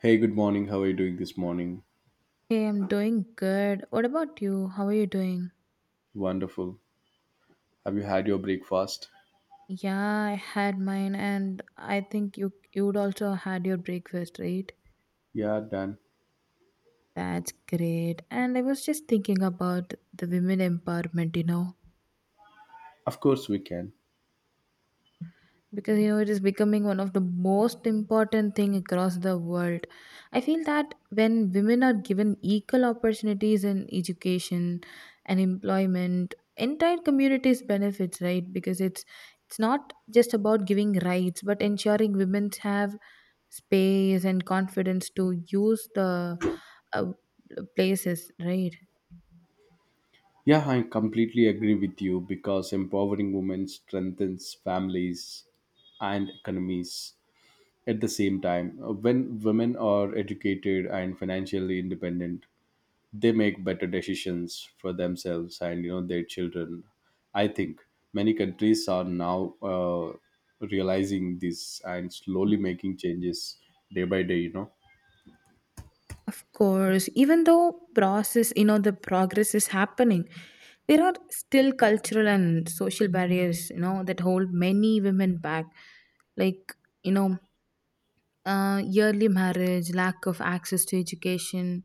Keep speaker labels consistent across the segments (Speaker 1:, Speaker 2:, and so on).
Speaker 1: Hey, good morning. How are you doing this morning?
Speaker 2: Hey, I'm doing good. What about you? How are you doing?
Speaker 1: Wonderful. Have you had your breakfast?
Speaker 2: Yeah, I had mine, and I think you would also had your breakfast, right?
Speaker 1: Yeah, done.
Speaker 2: That's great. And I was just thinking about the women empowerment.
Speaker 1: Of course, we can.
Speaker 2: Because it is becoming one of the most important thing across the world. I feel that when women are given equal opportunities in education and employment, entire communities benefits, right? Because it's not just about giving rights but ensuring women have space and confidence to use the uh, places, right?
Speaker 1: Yeah, I completely agree with you because empowering women strengthens families and economies at the same time. When women are educated and financially independent, they make better decisions for themselves and their children. I think many countries are now realizing this and slowly making changes day by day.
Speaker 2: Of course, even though process, the progress is happening. There are still cultural and social barriers, you know, that hold many women back. Like, you know, yearly marriage, lack of access to education,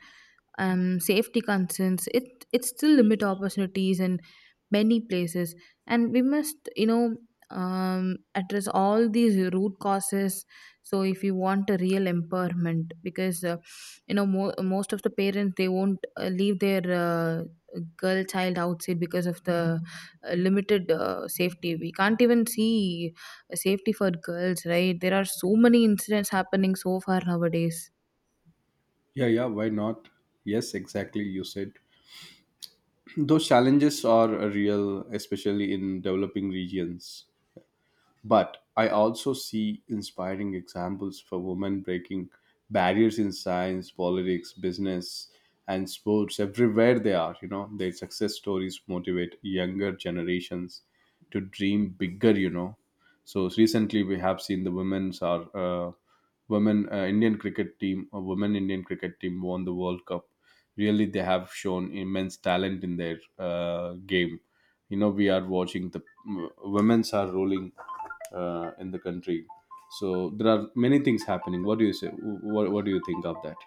Speaker 2: safety concerns, it still limit opportunities in many places, and we must address all these root causes. So if you want a real empowerment, because most of the parents they won't leave their girl child outside because of the limited safety. We can't even see safety for girls, right? There are so many incidents happening so far nowadays.
Speaker 1: Yeah, why not? Yes, exactly, you said those challenges are real, especially in developing regions. But I also see inspiring examples for women breaking barriers in science, politics, business, and sports everywhere they are. You know, their success stories motivate younger generations to dream bigger, So recently, we have seen the women's our women Indian cricket team, a women Indian cricket team won the World Cup. Really, they have shown immense talent in their game. You know, we are watching the women's are rolling in the country. So there are many things happening. What do you say? What do you think of that?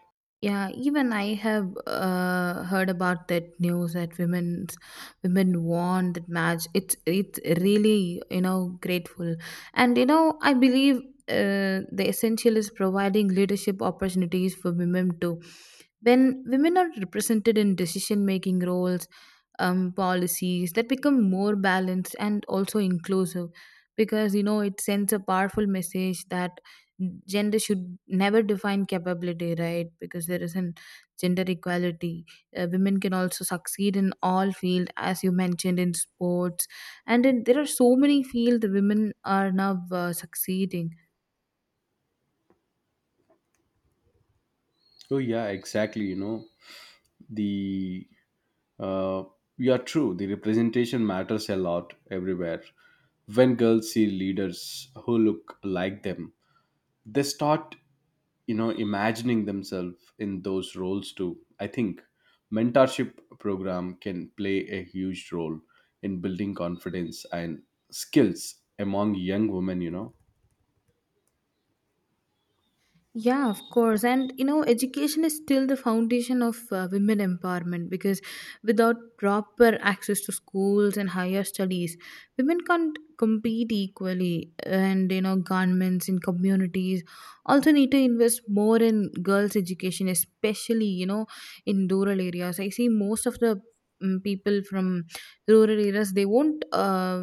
Speaker 2: Yeah, even I have heard about that news that women won that match. It's really grateful, and I believe the essential is providing leadership opportunities for women too. When women are represented in decision making roles, policies that become more balanced and also inclusive, because it sends a powerful message that gender should never define capability, right? Because there isn't gender equality, women can also succeed in all fields, as you mentioned, in sports and in, there are so many fields women are now succeeding.
Speaker 1: So yeah, exactly. The uh, you are true, the representation matters a lot everywhere. When girls see leaders who look like them, they start imagining themselves in those roles too. I think mentorship program can play a huge role in building confidence and skills among young women.
Speaker 2: Yeah, of course. And education is still the foundation of women empowerment, because without proper access to schools and higher studies, women can't compete equally. And governments and communities also need to invest more in girls' education, especially in rural areas. I see most of the people from rural areas, they won't. Uh,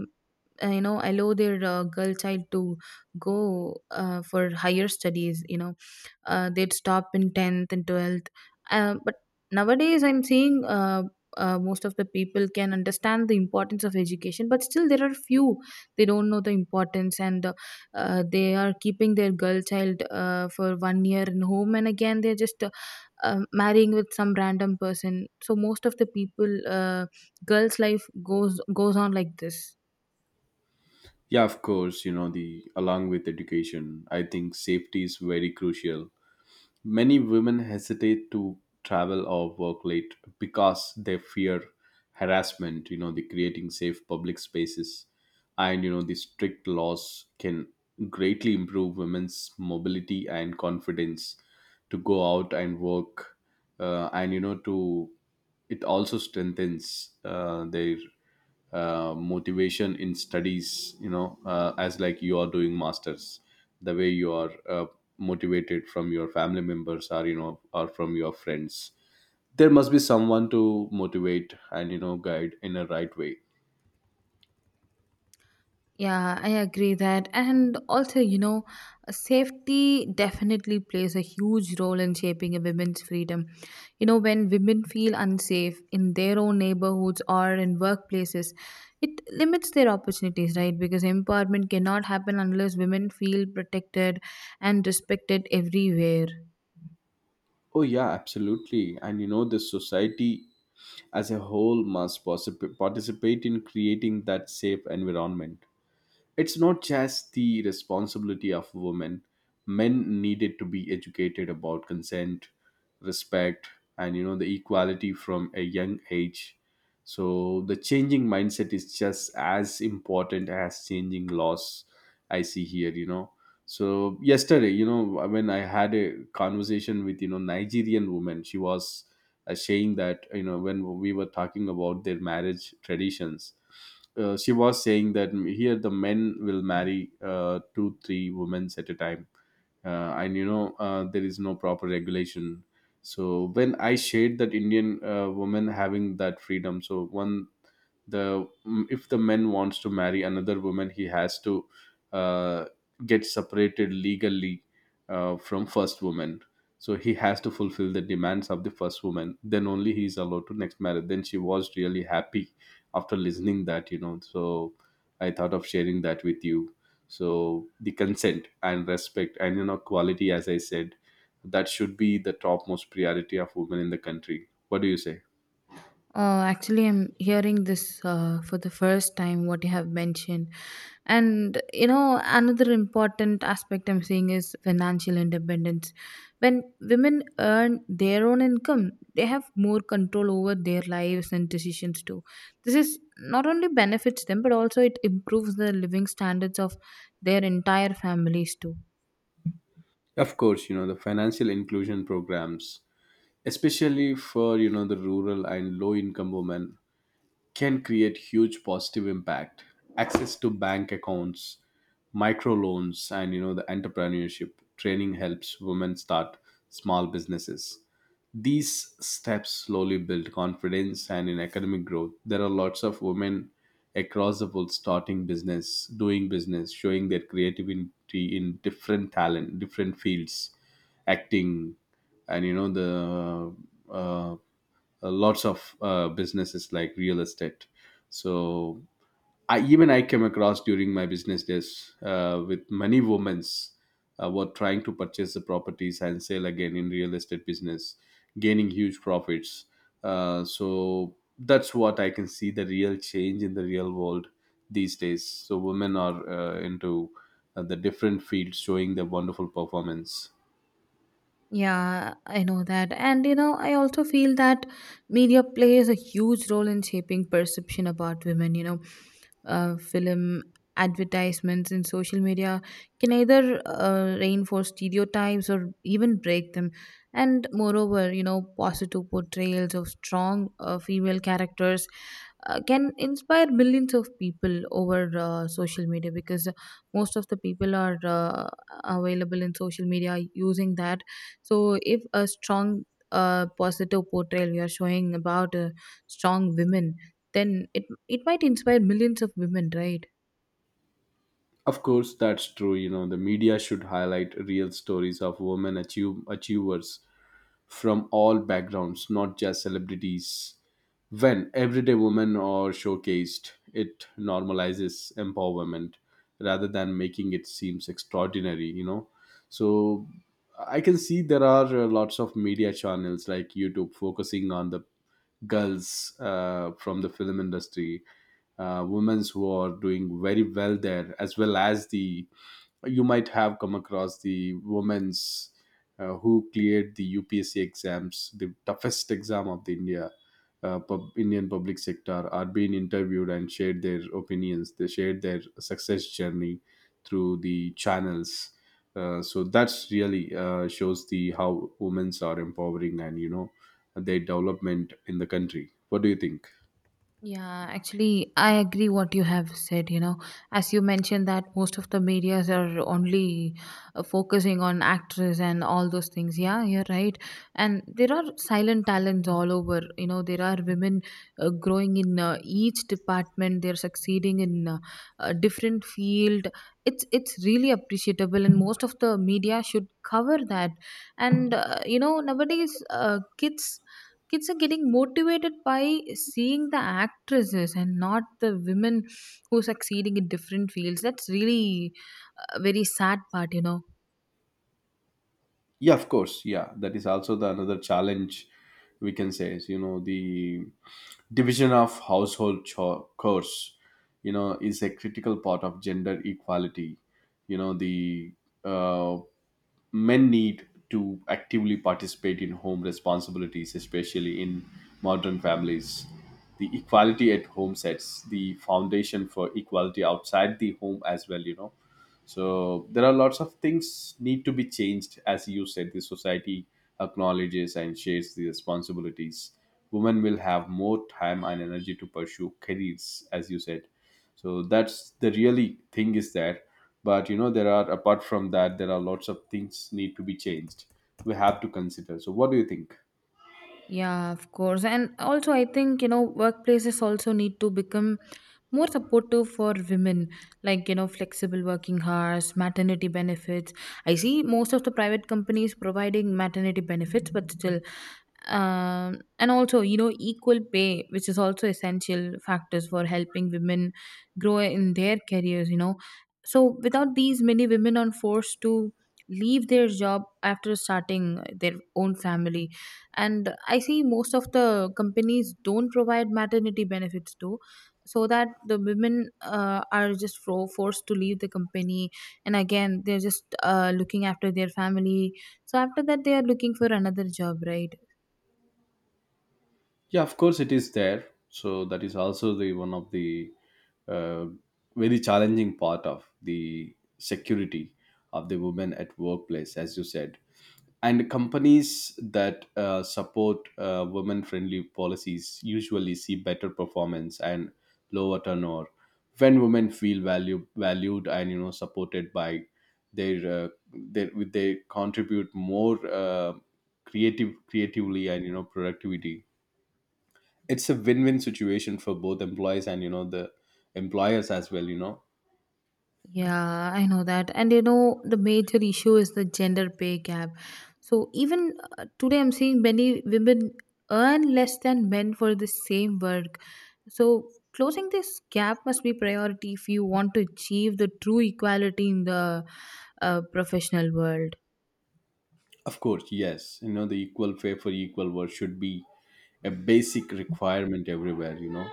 Speaker 2: uh, you know allow their girl child to go for higher studies. They'd stop in 10th and 12th, but nowadays I'm seeing, most of the people can understand the importance of education, but still there are few, they don't know the importance, and they are keeping their girl child for one year in home, and again they're just marrying with some random person. So most of the people, girls life goes on like this.
Speaker 1: Yeah, of course. You know the Along with education, I think safety is very crucial. Many women hesitate to travel or work late because they fear harassment, you know. The creating safe public spaces and the strict laws can greatly improve women's mobility and confidence to go out and work. And to, it also strengthens their motivation in studies, as like you are doing masters. The way you are motivated from your family members or or from your friends, there must be someone to motivate and guide in a right way.
Speaker 2: Yeah, I agree that. And also, safety definitely plays a huge role in shaping a women's freedom. When women feel unsafe in their own neighborhoods or in workplaces, it limits their opportunities, right? Because empowerment cannot happen unless women feel protected and respected everywhere.
Speaker 1: Oh yeah, absolutely. And you know, the society as a whole must participate in creating that safe environment. It's not just the responsibility of women, men needed to be educated about consent, respect, and the equality from a young age. So the changing mindset is just as important as changing laws. I see here, you know. So yesterday, you know, when I had a conversation with Nigerian woman, she was saying that, you know, when we were talking about their marriage traditions, she was saying that here the men will marry 2, 3 women at a time, and you know, there is no proper regulation. So when I shared that Indian woman having that freedom, so one, the if the man wants to marry another woman, he has to uh, get separated legally from first woman. So he has to fulfill the demands of the first woman, then only he is allowed to next marriage. Then she was really happy after listening that, you know. So I thought of sharing that with you. So the consent and respect and you know quality, as I said, that should be the topmost priority of women in the country. What do you say?
Speaker 2: Actually, I'm hearing this for the first time, what you have mentioned. And, another important aspect I'm seeing is financial independence. When women earn their own income, they have more control over their lives and decisions too. This is not only benefits them, but also it improves the living standards of their entire families too.
Speaker 1: Of course, you know, the financial inclusion programs, especially for, you know, the rural and low income women can create huge positive impact. Access to bank accounts, microloans, and you know the entrepreneurship training helps women start small businesses. These steps slowly build confidence, and in academic growth there are lots of women across the world starting business, doing business, showing their creativity in different talent, different fields, acting, and you know the lots of businesses like real estate. So I even I came across during my business days with many women's were trying to purchase the properties and sell again in real estate business, gaining huge profits. So that's what I can see, the real change in the real world these days. So women are into the different fields showing their wonderful performance.
Speaker 2: Yeah, I know that. And I also feel that media plays a huge role in shaping perception about women. Film advertisements and social media can either reinforce stereotypes or even break them. And moreover, positive portrayals of strong female characters can inspire millions of people over social media, because most of the people are available in social media using that. So, if a strong, positive portrayal we are showing about strong women, then it might inspire millions of women, right?
Speaker 1: Of course, that's true. You know, the media should highlight real stories of achievers from all backgrounds, not just celebrities. When everyday women are showcased, it normalizes empowerment rather than making it seems extraordinary, you know. So I can see there are lots of media channels like YouTube focusing on the girls from the film industry, women who are doing very well there, as well as the, you might have come across the women's who cleared the UPSC exams, the toughest exam of the India, Indian public sector, are being interviewed and shared their opinions. They shared their success journey through the channels. So that's really shows the how women's are empowering and you know their development in the country. What do you think?
Speaker 2: Yeah, actually, I agree what you have said. As you mentioned, that most of the medias are only focusing on actors and all those things. Yeah, you're right. And there are silent talents all over. There are women growing in each department. They're succeeding in a different field. It's really appreciable, and most of the media should cover that. And nowadays, kids are getting motivated by seeing the actresses and not the women who are succeeding in different fields. That's really a very sad part.
Speaker 1: Yeah, of course. Yeah, that is also the another challenge, we can say, is you know the division of household chores, is a critical part of gender equality. You know the uh, Men need to actively participate in home responsibilities, especially in modern families. The equality at home sets the foundation for equality outside the home as well, you know. So there are lots of things need to be changed, as you said. The society acknowledges and shares the responsibilities. Women will have more time and energy to pursue careers, as you said. So that's the really thing is that, but you know there are, apart from that, there are lots of things need to be changed. We have to consider. So what do you think?
Speaker 2: Yeah, of course. And also, I think, workplaces also need to become more supportive for women, like, flexible working hours, maternity benefits. I see most of the private companies providing maternity benefits, but still, and also, equal pay, which is also essential factors for helping women grow in their careers. So without these, many women are forced to leave their job after starting their own family. And I see most of the companies don't provide maternity benefits too, so that the women are just forced to leave the company, and again they're just looking after their family. So after that they are looking for another job, right?
Speaker 1: Yeah, of course it is there. So that is also the one of the uh, very challenging part of the security of the women at workplace, as you said. And companies that support women-friendly policies usually see better performance and lower turnover. When women valued and you know supported by their they contribute more creatively and productivity. It's a win-win situation for both employees and you know the employers as well, you know.
Speaker 2: Yeah, I know that. And the major issue is the gender pay gap. So even today, I'm seeing many women earn less than men for the same work. So, closing this gap must be priority if you want to achieve the true equality in the professional world.
Speaker 1: Of course, yes. You know, the equal pay for equal work should be a basic requirement everywhere. You know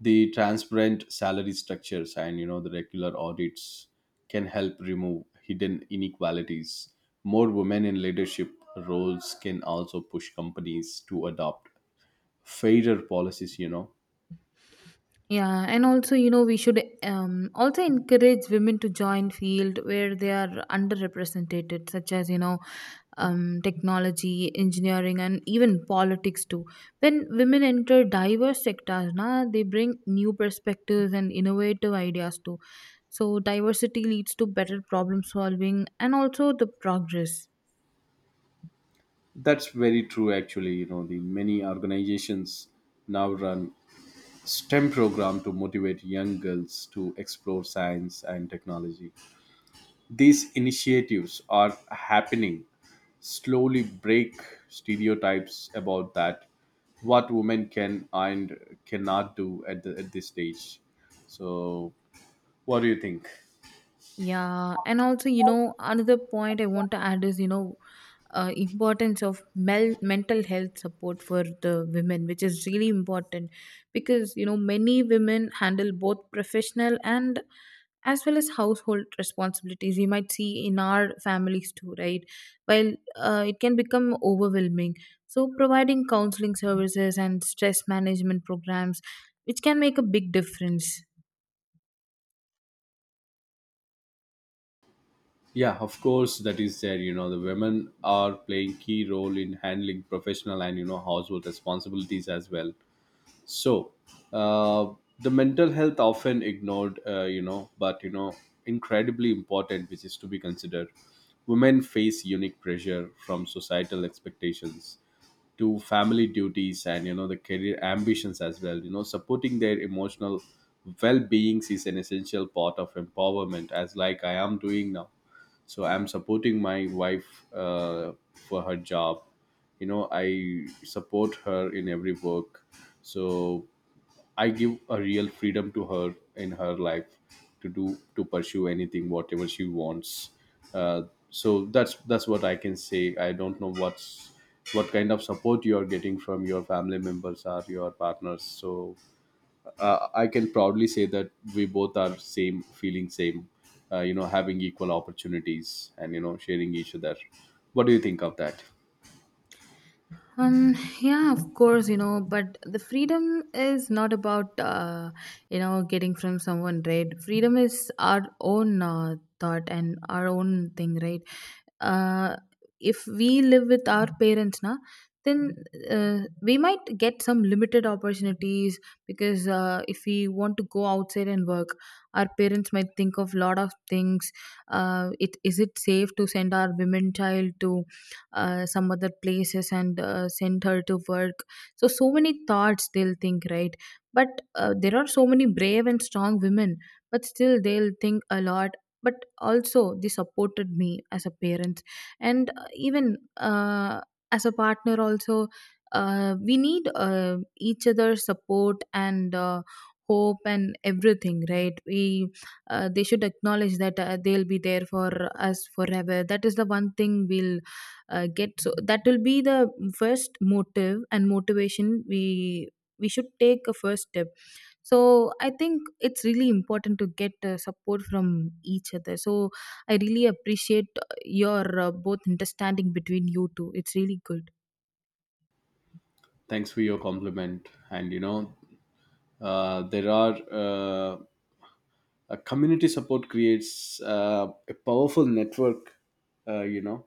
Speaker 1: the transparent salary structures and the regular audits can help remove hidden inequalities. More women in leadership roles can also push companies to adopt fairer policies, you know.
Speaker 2: Yeah, and also we should also encourage women to join field where they are underrepresented, such as technology, engineering, and even politics too. When women enter diverse sectors, na, they bring new perspectives and innovative ideas too. So diversity leads to better problem solving and also the progress.
Speaker 1: That's very true actually. You know, the many organizations now run STEM program to motivate young girls to explore science and technology. These initiatives are happening, slowly break stereotypes about that what women can and cannot do at, the, at this stage. So what do you think?
Speaker 2: Yeah, and also, another point I want to add is, importance of mental health support for the women, which is really important, because many women handle both professional and as well as household responsibilities. You might see in our families too, right? While it can become overwhelming, so providing counseling services and stress management programs, which can make a big difference.
Speaker 1: Yeah, of course that is there. You know, the women are playing key role in handling professional and you know household responsibilities as well. So, uh, the mental health often ignored, you know, but you know, incredibly important, which is to be considered. Women face unique pressure from societal expectations to family duties and you know the career ambitions as well. You know, supporting their emotional well-being is an essential part of empowerment, as like I am doing now. So I'm supporting my wife uh, for her job. You know, I support her in every work. So I give a real freedom to her in her life to do, to pursue anything whatever she wants. Uh, so that's what I can say. I don't know what kind of support you are getting from your family members or your partners. So I can proudly say that we both are same, feeling same. You know, having equal opportunities and you know sharing each other. What do you think of that?
Speaker 2: Um, yeah, of course, but the freedom is not about, getting from someone, right? Freedom is our own thought and our own thing, right? Uh, if we live with our parents, na, then we might get some limited opportunities, because if we want to go outside and work, our parents might think of lot of things. It is it safe to send our women child to some other places and send her to work? So so many thoughts they'll think, right? But there are so many brave and strong women, but still they'll think a lot. But also they supported me as a parent, and even as a partner also, we need each other's support and hope and everything, right? we They should acknowledge that they'll be there for us forever. That is the one thing we'll get, so that will be the first motive and motivation. We should take a first step. So I think it's really important to get support from each other. So I really appreciate your both understanding between you two. It's really good.
Speaker 1: Thanks for your compliment. And you know, there are. Community support creates a powerful network, you know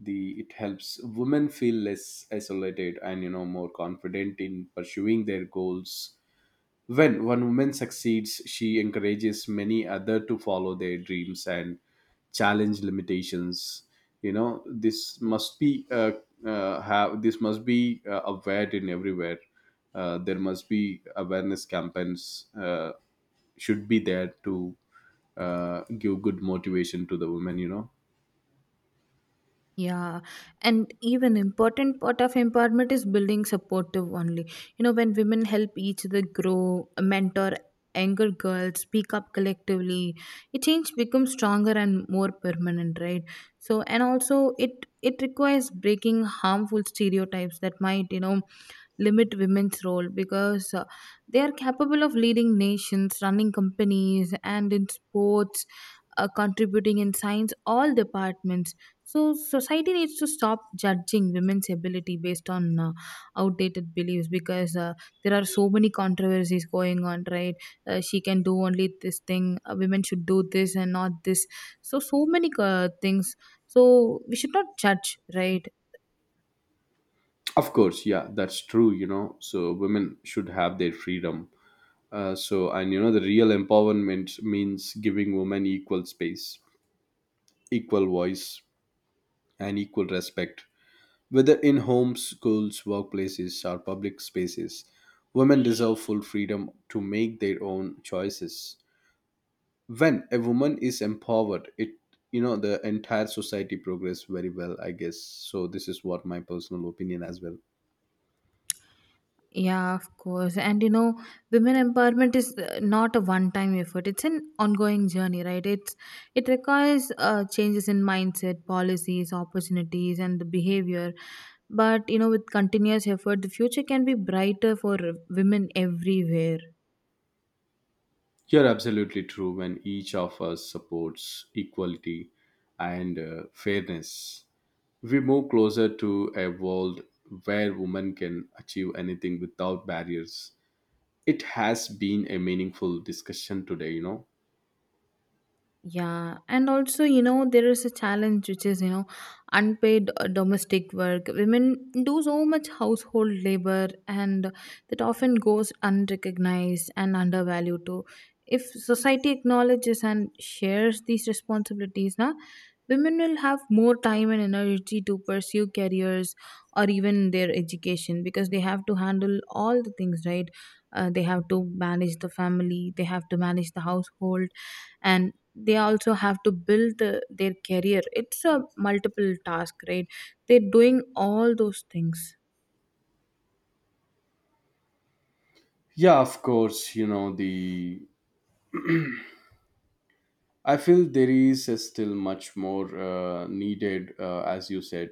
Speaker 1: the it helps women feel less isolated and you know more confident in pursuing their goals. When one woman succeeds, she encourages many other to follow their dreams and challenge limitations. You know, this must be aware in everywhere. There must be awareness campaigns should be there to give good motivation to the women, you know.
Speaker 2: Yeah, and even important part of empowerment is building supportive only. When women help each other grow, mentor younger girls, speak up collectively, a change becomes stronger and more permanent, right? So, and also it requires breaking harmful stereotypes that might limit women's role, because they are capable of leading nations, running companies, and in sports, contributing in science, all departments. So, society needs to stop judging women's ability based on outdated beliefs, because there are so many controversies going on, right? She can do only this thing, women should do this and not this. So, so many things. So, we should not judge, right?
Speaker 1: Of course, yeah, that's true. You know, so women should have their freedom. And you know the real empowerment means giving women equal space, equal voice, and equal respect, whether in homes, schools, workplaces, or public spaces. Women deserve full freedom to make their own choices. When a woman is empowered, it you know the entire society progress very well, I guess. So this is what my personal opinion as well.
Speaker 2: Yeah, of course. And women empowerment is not a one-time effort. It's an ongoing journey, right? It requires changes in mindset, policies, opportunities, and the behavior. But with continuous effort, the future can be brighter for women everywhere.
Speaker 1: You're absolutely true. When each of us supports equality and fairness, we move closer to a world where women can achieve anything without barriers. It has been a meaningful discussion today, you know.
Speaker 2: Yeah, and also, there is a challenge which is, unpaid domestic work. Women do so much household labor and that often goes unrecognized and undervalued too. If society acknowledges and shares these responsibilities, na, women will have more time and energy to pursue careers or even their education, because they have to handle all the things, right? They have to manage the family, they have to manage the household, and they also have to build their career. It's a multiple task, right? They're doing all those things.
Speaker 1: Yeah, of course, you know, the I feel there is still much more needed, as you said.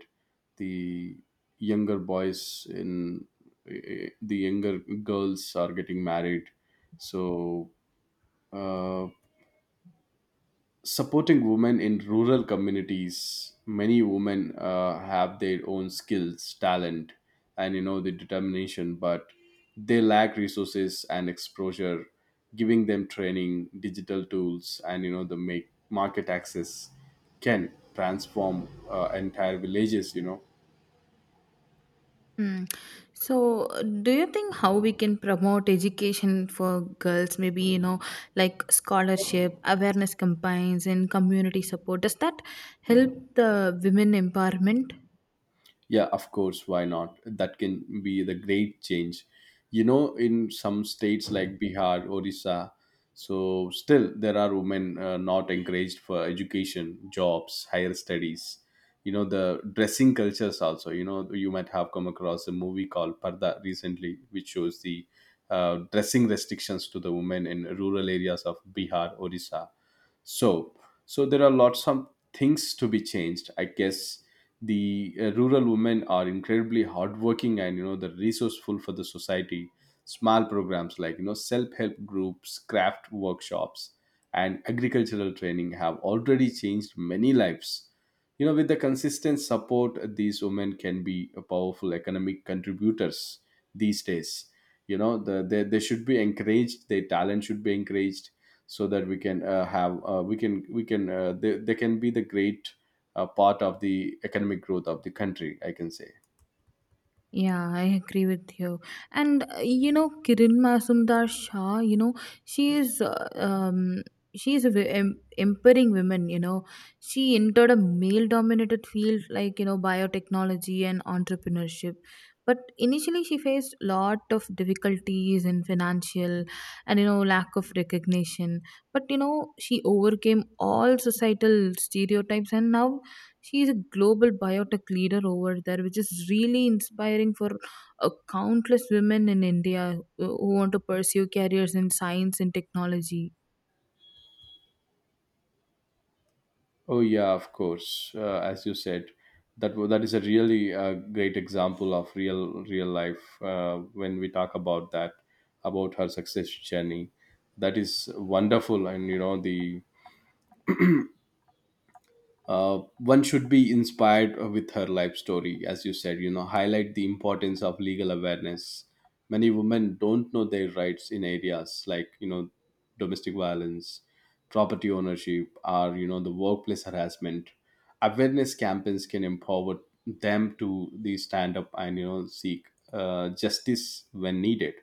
Speaker 1: The younger boys in the younger girls are getting married. So, uh, supporting women in rural communities, many women have their own skills, talent, and you know the determination, but they lack resources and exposure. Giving them training, digital tools, and you know the make market access can transform entire villages, you know.
Speaker 2: Hmm. So, do you think how we can promote education for girls? Maybe, you know, like scholarship, awareness campaigns, and community support. Does that help the women empowerment?
Speaker 1: Yeah, of course, why not? That can be the great change. You know, in some states like Bihar, Orissa, so still there are women not encouraged for education, jobs, higher studies. You know, the dressing cultures also. You know, you might have come across a movie called Parda recently, which shows the dressing restrictions to the women in rural areas of Bihar, Orissa. So so there are lots of things to be changed, I guess. The rural women are incredibly hardworking and you know the resourceful for the society. Small programs like you know self-help groups, craft workshops, and agricultural training have already changed many lives, you know. With the consistent support, these women can be a powerful economic contributors these days. You know, they should be encouraged, their talent should be encouraged, so that we can have we can they can be the great, a part of the economic growth of the country, I can say.
Speaker 2: Yeah, I agree with you. And you know, Kiran Masumdar Shah, you know, she is uh, um she is a empowering woman, you know. She entered a male dominated field like, you know, biotechnology and entrepreneurship. But initially she faced lot of difficulties in financial and you know lack of recognition. But you know, she overcame all societal stereotypes and now she is a global biotech leader over there, which is really inspiring for countless women in India who want to pursue careers in science and technology.
Speaker 1: Oh yeah, of course, as you said, that is a really great example of real life, when we talk about that, about her success journey. That is wonderful. And you know the one should be inspired with her life story. As you said, you know, highlight the importance of legal awareness. Many women don't know their rights in areas like you know domestic violence, property ownership, or you know the workplace harassment. Awareness campaigns can empower them to the stand up and you know seek justice when needed.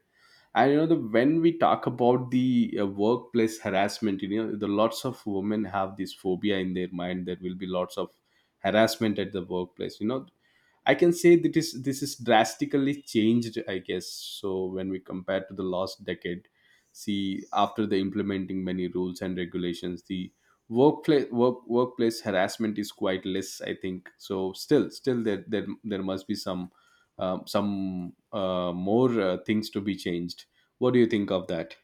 Speaker 1: And you know the when we talk about the workplace harassment, you know the lots of women have this phobia in their mind there will be lots of harassment at the workplace, you know. I can say that is this is drastically changed, I guess, so when we compare to the last decade. See, after the implementing many rules and regulations, the workplace harassment is quite less, I think so. Still there must be some more things to be changed. What do you think of that?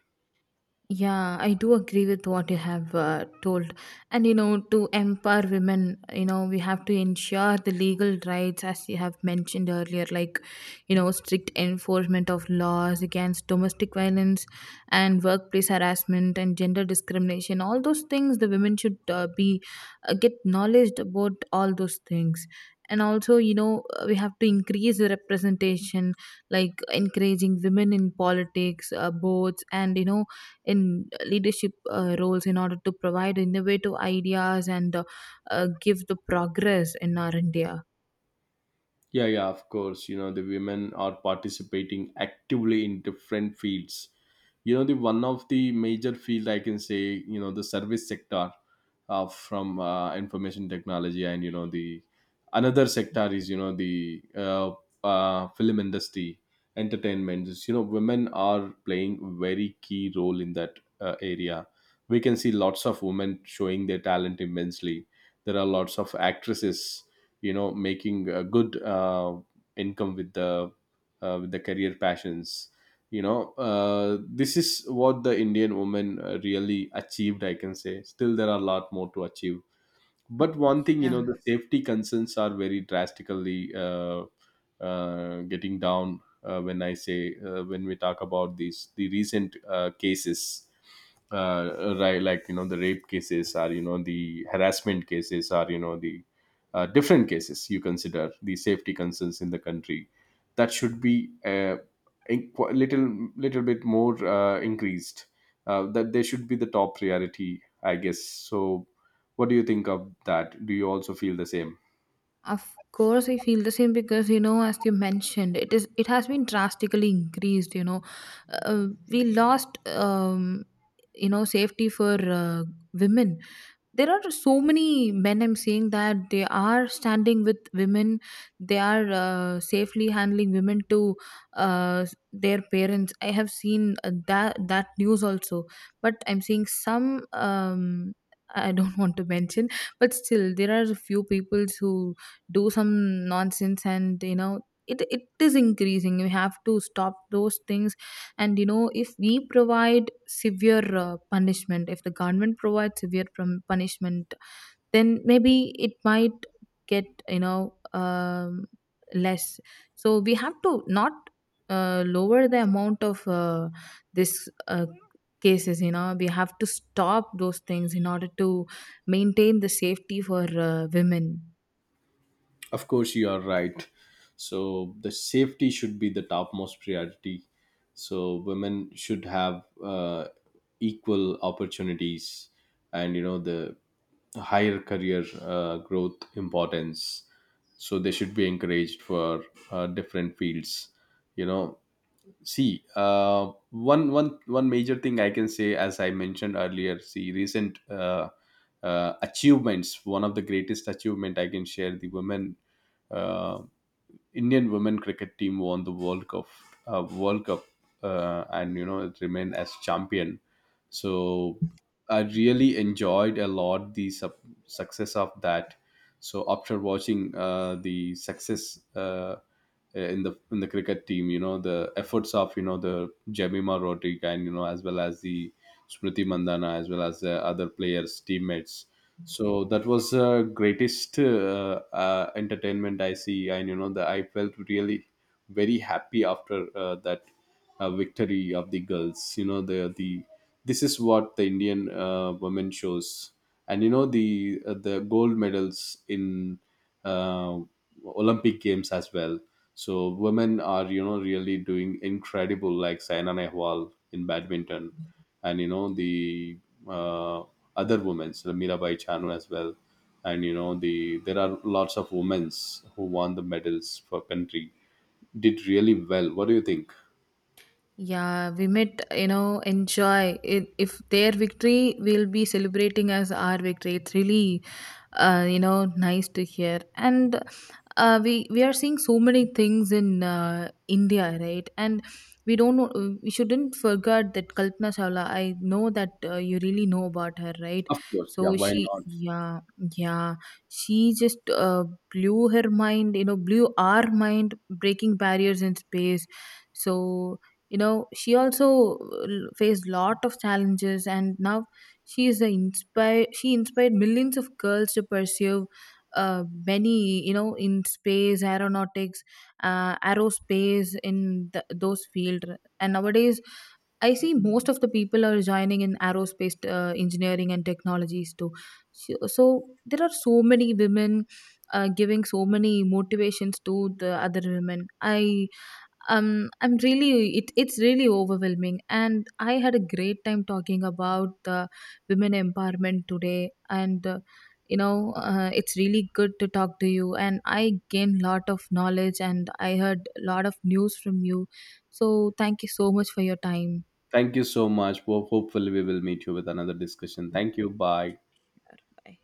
Speaker 2: Yeah, I do agree with what you have told. And you know, to empower women, you know, we have to ensure the legal rights, as you have mentioned earlier, like, you know, strict enforcement of laws against domestic violence and workplace harassment and gender discrimination. All those things, the women should be get knowledge about all those things. And also, you know, we have to increase the representation, like encouraging women in politics, boards, and you know, in leadership roles in order to provide innovative ideas and give the progress in our India.
Speaker 1: Yeah, yeah, of course. You know, the women are participating actively in different fields. You know, the one of the major field I can say, you know, the service sector, from information technology, and you know the another sector is you know the film industry, entertainment. Just, you know, women are playing very key role in that area. We can see lots of women showing their talent immensely. There are lots of actresses, you know, making a good income with the with the career passions, you know. This is what the Indian woman really achieved, I can say. Still there are a lot more to achieve. But one thing, you
Speaker 2: Yeah,
Speaker 1: know, the safety concerns are very drastically getting down, when I say, when we talk about these, the recent cases, right, like you know the rape cases are, you know the harassment cases are, you know the different cases you consider. The safety concerns in the country, that should be a little bit more increased. That they should be the top priority, I guess so. What do you think of that? Do you also feel the same?
Speaker 2: of course, I feel the same because you know, as you mentioned, it has been drastically increased. You know, we lost you know safety for women. There are so many men, I'm saying that they are standing with women. They are safely handling women to uh, their parents. I have seen that news also, but I'm seeing some um, I don't want to mention, but still there are a few people who do some nonsense, and you know it is increasing. We have to stop those things. And you know, if we provide severe punishment, if the government provides severe punishment, then maybe it might get, you know, less. So we have to not lower the amount of this cases. You know, we have to stop those things in order to maintain the safety for women.
Speaker 1: Of course, you are right. So the safety should be the topmost priority. So women should have equal opportunities, and you know the higher career growth importance. So they should be encouraged for different fields. You know, see, one major thing I can say, as I mentioned earlier, see recent achievements. One of the greatest achievement I can share: the women, uh, Indian women cricket team won the World Cup, World Cup, and you know it remained as champion. So I really enjoyed a lot the success of that. So after watching the success in the cricket team, you know the efforts of you know the Jemima Rodriguez, and you know, as well as the Smriti Mandana, as well as the other players, teammates. So that was the greatest entertainment I see. And you know the I felt really very happy after that victory of the girls. You know the this is what the Indian women shows, and you know the the gold medals in uh, Olympic games as well. So women are you know really doing incredible, like Saina Nehwal in badminton, and you know the uh, other women, so Mirabai Chanu as well, and you know the there are lots of women who won the medals for country, did really well. What do you think?
Speaker 2: Yeah, we might, you know, enjoy it. If their victory, we'll be celebrating as our victory. It's really you know nice to hear. And we are seeing so many things in India, right? And we don't know, we shouldn't forget that Kalpana Chawla. I know that you really know about her, right?
Speaker 1: Of course, yeah.
Speaker 2: So
Speaker 1: Why
Speaker 2: she,
Speaker 1: not?
Speaker 2: yeah, yeah, she just blew her mind, you know, blew our mind, breaking barriers in space. So you know, she also faced lot of challenges, and now she is a inspire. She inspired millions of girls to pursue many you know in space aeronautics, aerospace, in those field. And nowadays I see most of the people are joining in aerospace engineering and technologies too. So there are so many women giving so many motivations to the other women. I'm really it's really overwhelming, and I had a great time talking about the women empowerment today. And it's really good to talk to you, and I gained lot of knowledge and I heard a lot of news from you. So thank you so much for your time.
Speaker 1: Thank you so much. Well, hopefully, we will meet you with another discussion. Thank you. Bye.
Speaker 2: Bye.